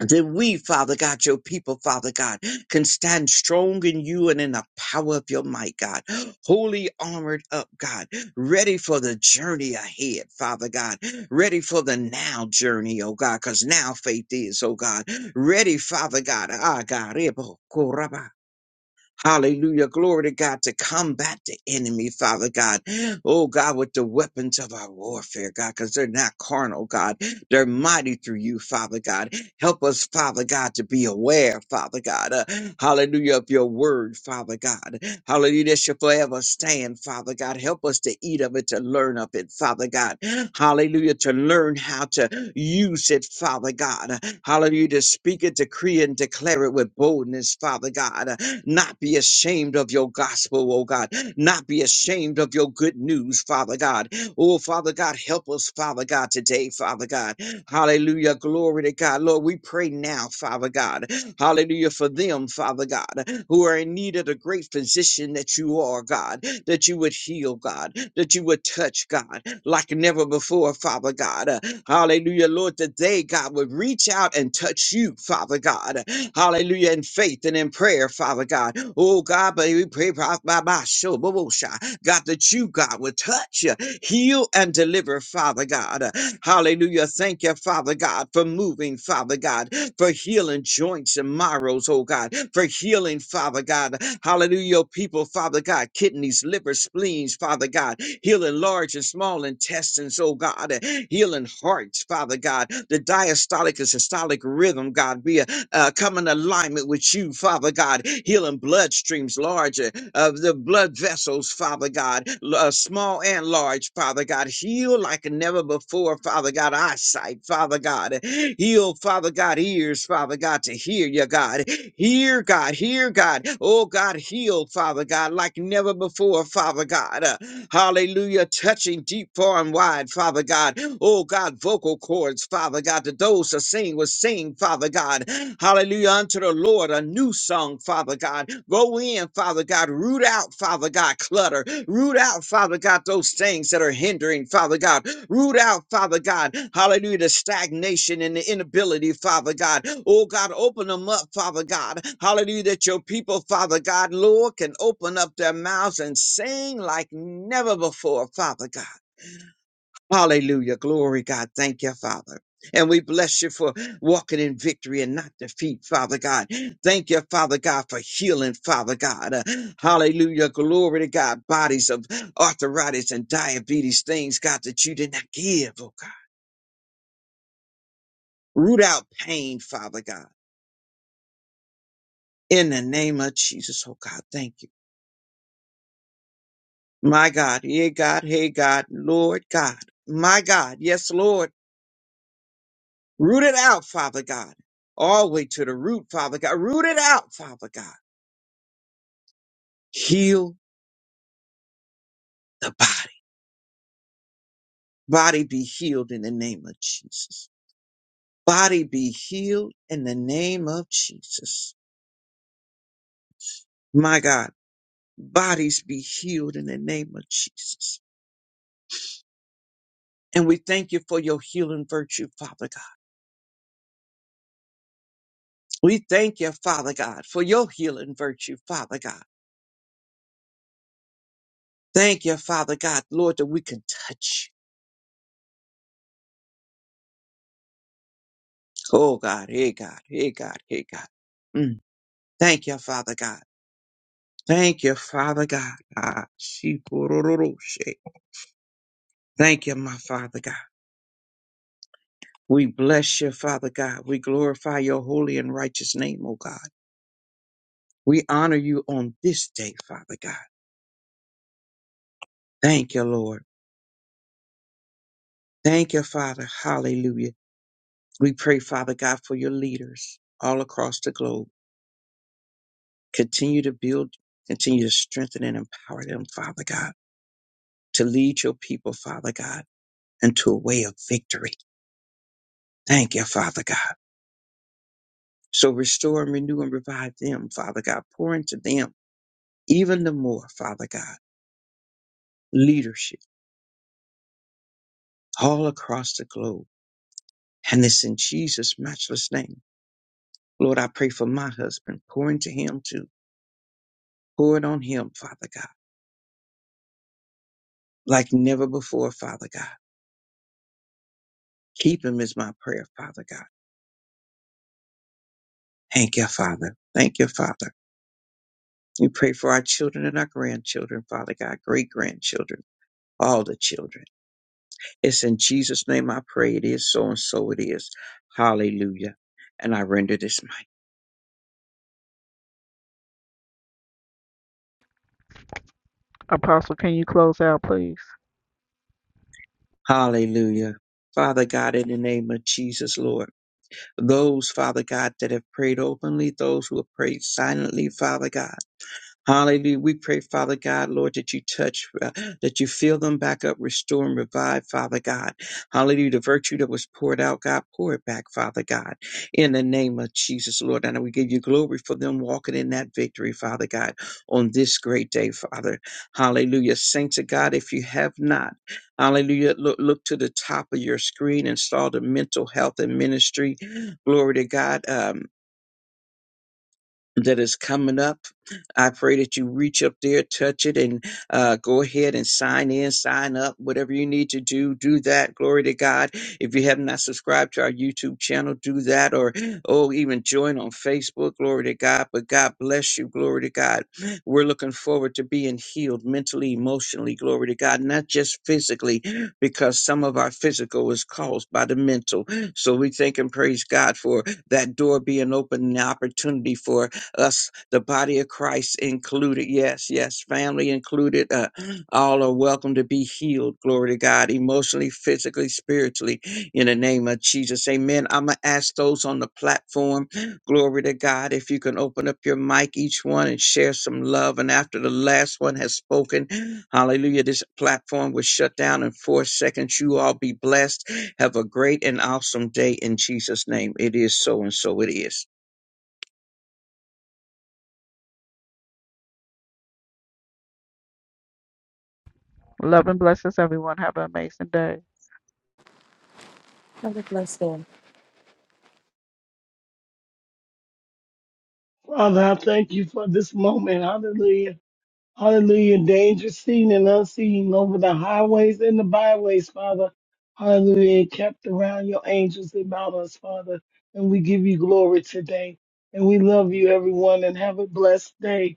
That we, Father God, your people, Father God, can stand strong in you and in the power of your might, God. Holy armored up, God, ready for the journey ahead, Father God, ready for the now journey, oh God, because now faith is, oh God, ready, Father God, ah God, Hallelujah. Glory to God to combat the enemy, Father God. Oh God, with the weapons of our warfare, God, because they're not carnal, God. They're mighty through you, Father God. Help us, Father God, to be aware, Father God. uh, hallelujah of your word, Father God. Hallelujah. That should forever stand, Father God. Help us to eat of it, to learn of it, Father God. Hallelujah. To learn how to use it, Father God. Hallelujah. To speak it, decree and declare it with boldness, Father God not be ashamed of your gospel, oh God, not be ashamed of your good news, Father God. Oh, Father God, help us, Father God, today, Father God. Hallelujah. Glory to God. Lord, we pray now, Father God. Hallelujah for them, Father God, who are in need of the great physician that you are, God, that you would heal, God, that you would touch, God, like never before, Father God. Hallelujah, Lord. Today, God, would reach out and touch you, Father God. Hallelujah, in faith and in prayer, Father God. Oh, God, but we pray, by my show, God, that you, God, would touch, uh, heal, and deliver, Father God. Hallelujah. Thank you, Father God, for moving, Father God for healing joints and marrows, oh God, for healing, Father God. Hallelujah, your people, Father God, kidneys, liver, spleens, Father God, healing large and small intestines, oh God, healing hearts, Father God, the diastolic and systolic rhythm, God, be a uh, come in alignment with you, Father God, healing bloodstreams larger of the blood vessels, Father God, l- uh, small and large, Father God, heal like never before, Father God, eyesight, Father God, heal, Father God, ears, Father God, to hear you, God, hear, God, hear, God, oh God, heal, Father God, like never before, Father God, Uh, Hallelujah. Touching deep, far, and wide, Father God. Oh God, vocal cords, Father God, to those that sing will sing, Father God. Hallelujah. Unto the Lord, a new song, Father God. Go in, Father God. Root out, Father God, clutter. Root out, Father God, those things that are hindering, Father God. Root out, Father God, hallelujah, the stagnation and the inability, Father God. Oh God, open them up, Father God. Hallelujah, that your people, Father God, Lord, can open up their mouths and sing like never before, Father God. Hallelujah, glory, God. Thank you, Father. And we bless you for walking in victory and not defeat, Father God. Thank you, Father God, for healing, Father God. Uh, hallelujah. Glory to God. Bodies of arthritis and diabetes, things, God, that you did not give, oh God. Root out pain, Father God. In the name of Jesus, oh God, thank you. My God, yeah, God, hey, God, Lord God, my God, yes, Lord. Root it out, Father God. All the way to the root, Father God. Root it out, Father God. Heal the body. Body be healed in the name of Jesus. Body be healed in the name of Jesus. My God, bodies be healed in the name of Jesus. And we thank you for your healing virtue, Father God. We thank you, Father God, for your healing virtue, Father God. Thank you, Father God, Lord, that we can touch. you. Oh God, hey God, hey God, hey God. Mm. Thank you, Father God. Thank you, Father God. Ah, she-ko-ro-ro-ro-she. Thank you, my Father God. We bless you, Father God. We glorify your holy and righteous name, O God. We honor you on this day, Father God. Thank you, Lord. Thank you, Father. Hallelujah. We pray, Father God, for your leaders all across the globe. Continue to build, continue to strengthen and empower them, Father God, to lead your people, Father God, into a way of victory. Thank you, Father God. So restore and renew and revive them, Father God. Pour into them even the more, Father God, leadership all across the globe. And this in Jesus' matchless name. Lord, I pray for my husband. Pour into him too. Pour it on him, Father God, like never before, Father God. Keep him is my prayer, Father God. Thank you, Father. Thank you, Father. We pray for our children and our grandchildren, Father God, great grandchildren, all the children. It's in Jesus' name I pray it is so and so it is. Hallelujah. And I render this mic. Hallelujah. Father God, in the name of Jesus, Lord, those, Father God, that have prayed openly, those who have prayed silently, Father God. Hallelujah. We pray, Father God, Lord, that you touch, uh, that you fill them back up, restore and revive, Father God. Hallelujah. The virtue that was poured out, God, pour it back, Father God, in the name of Jesus, Lord. And we give you glory for them walking in that victory, Father God, on this great day, Father. Hallelujah. Saints of God, if you have not, hallelujah, look, look to the top of your screen and saw the mental health and ministry. Glory to God. Um that is coming up. I pray that you reach up there, touch it, and uh, go ahead and sign in, sign up, whatever you need to do, do that. Glory to God. If you have not subscribed to our YouTube channel, do that, or oh, even join on Facebook. Glory to God. But God bless you. Glory to God. We're looking forward to being healed mentally, emotionally. Glory to God. Not just physically, because some of our physical is caused by the mental. So we thank and praise God for that door being open, and the opportunity for us, the body of Christ included. Yes, yes, family included. Uh, all are welcome to be healed. Glory to God, emotionally, physically, spiritually, in the name of Jesus. Amen. I'm going to ask those on the platform, glory to God, if you can open up your mic, each one, and share some love. And after the last one has spoken, hallelujah, this platform was shut down in four seconds. You all be blessed. Have a great and awesome day in Jesus' name. It is so and so it is.
Have a blessed day.
Father, I thank you for this moment. Hallelujah. Hallelujah. Danger seen and unseen over the highways and the byways, Father. Hallelujah. Kept around your angels about us, Father. And we give you glory today. And we love you, everyone, and have a blessed day.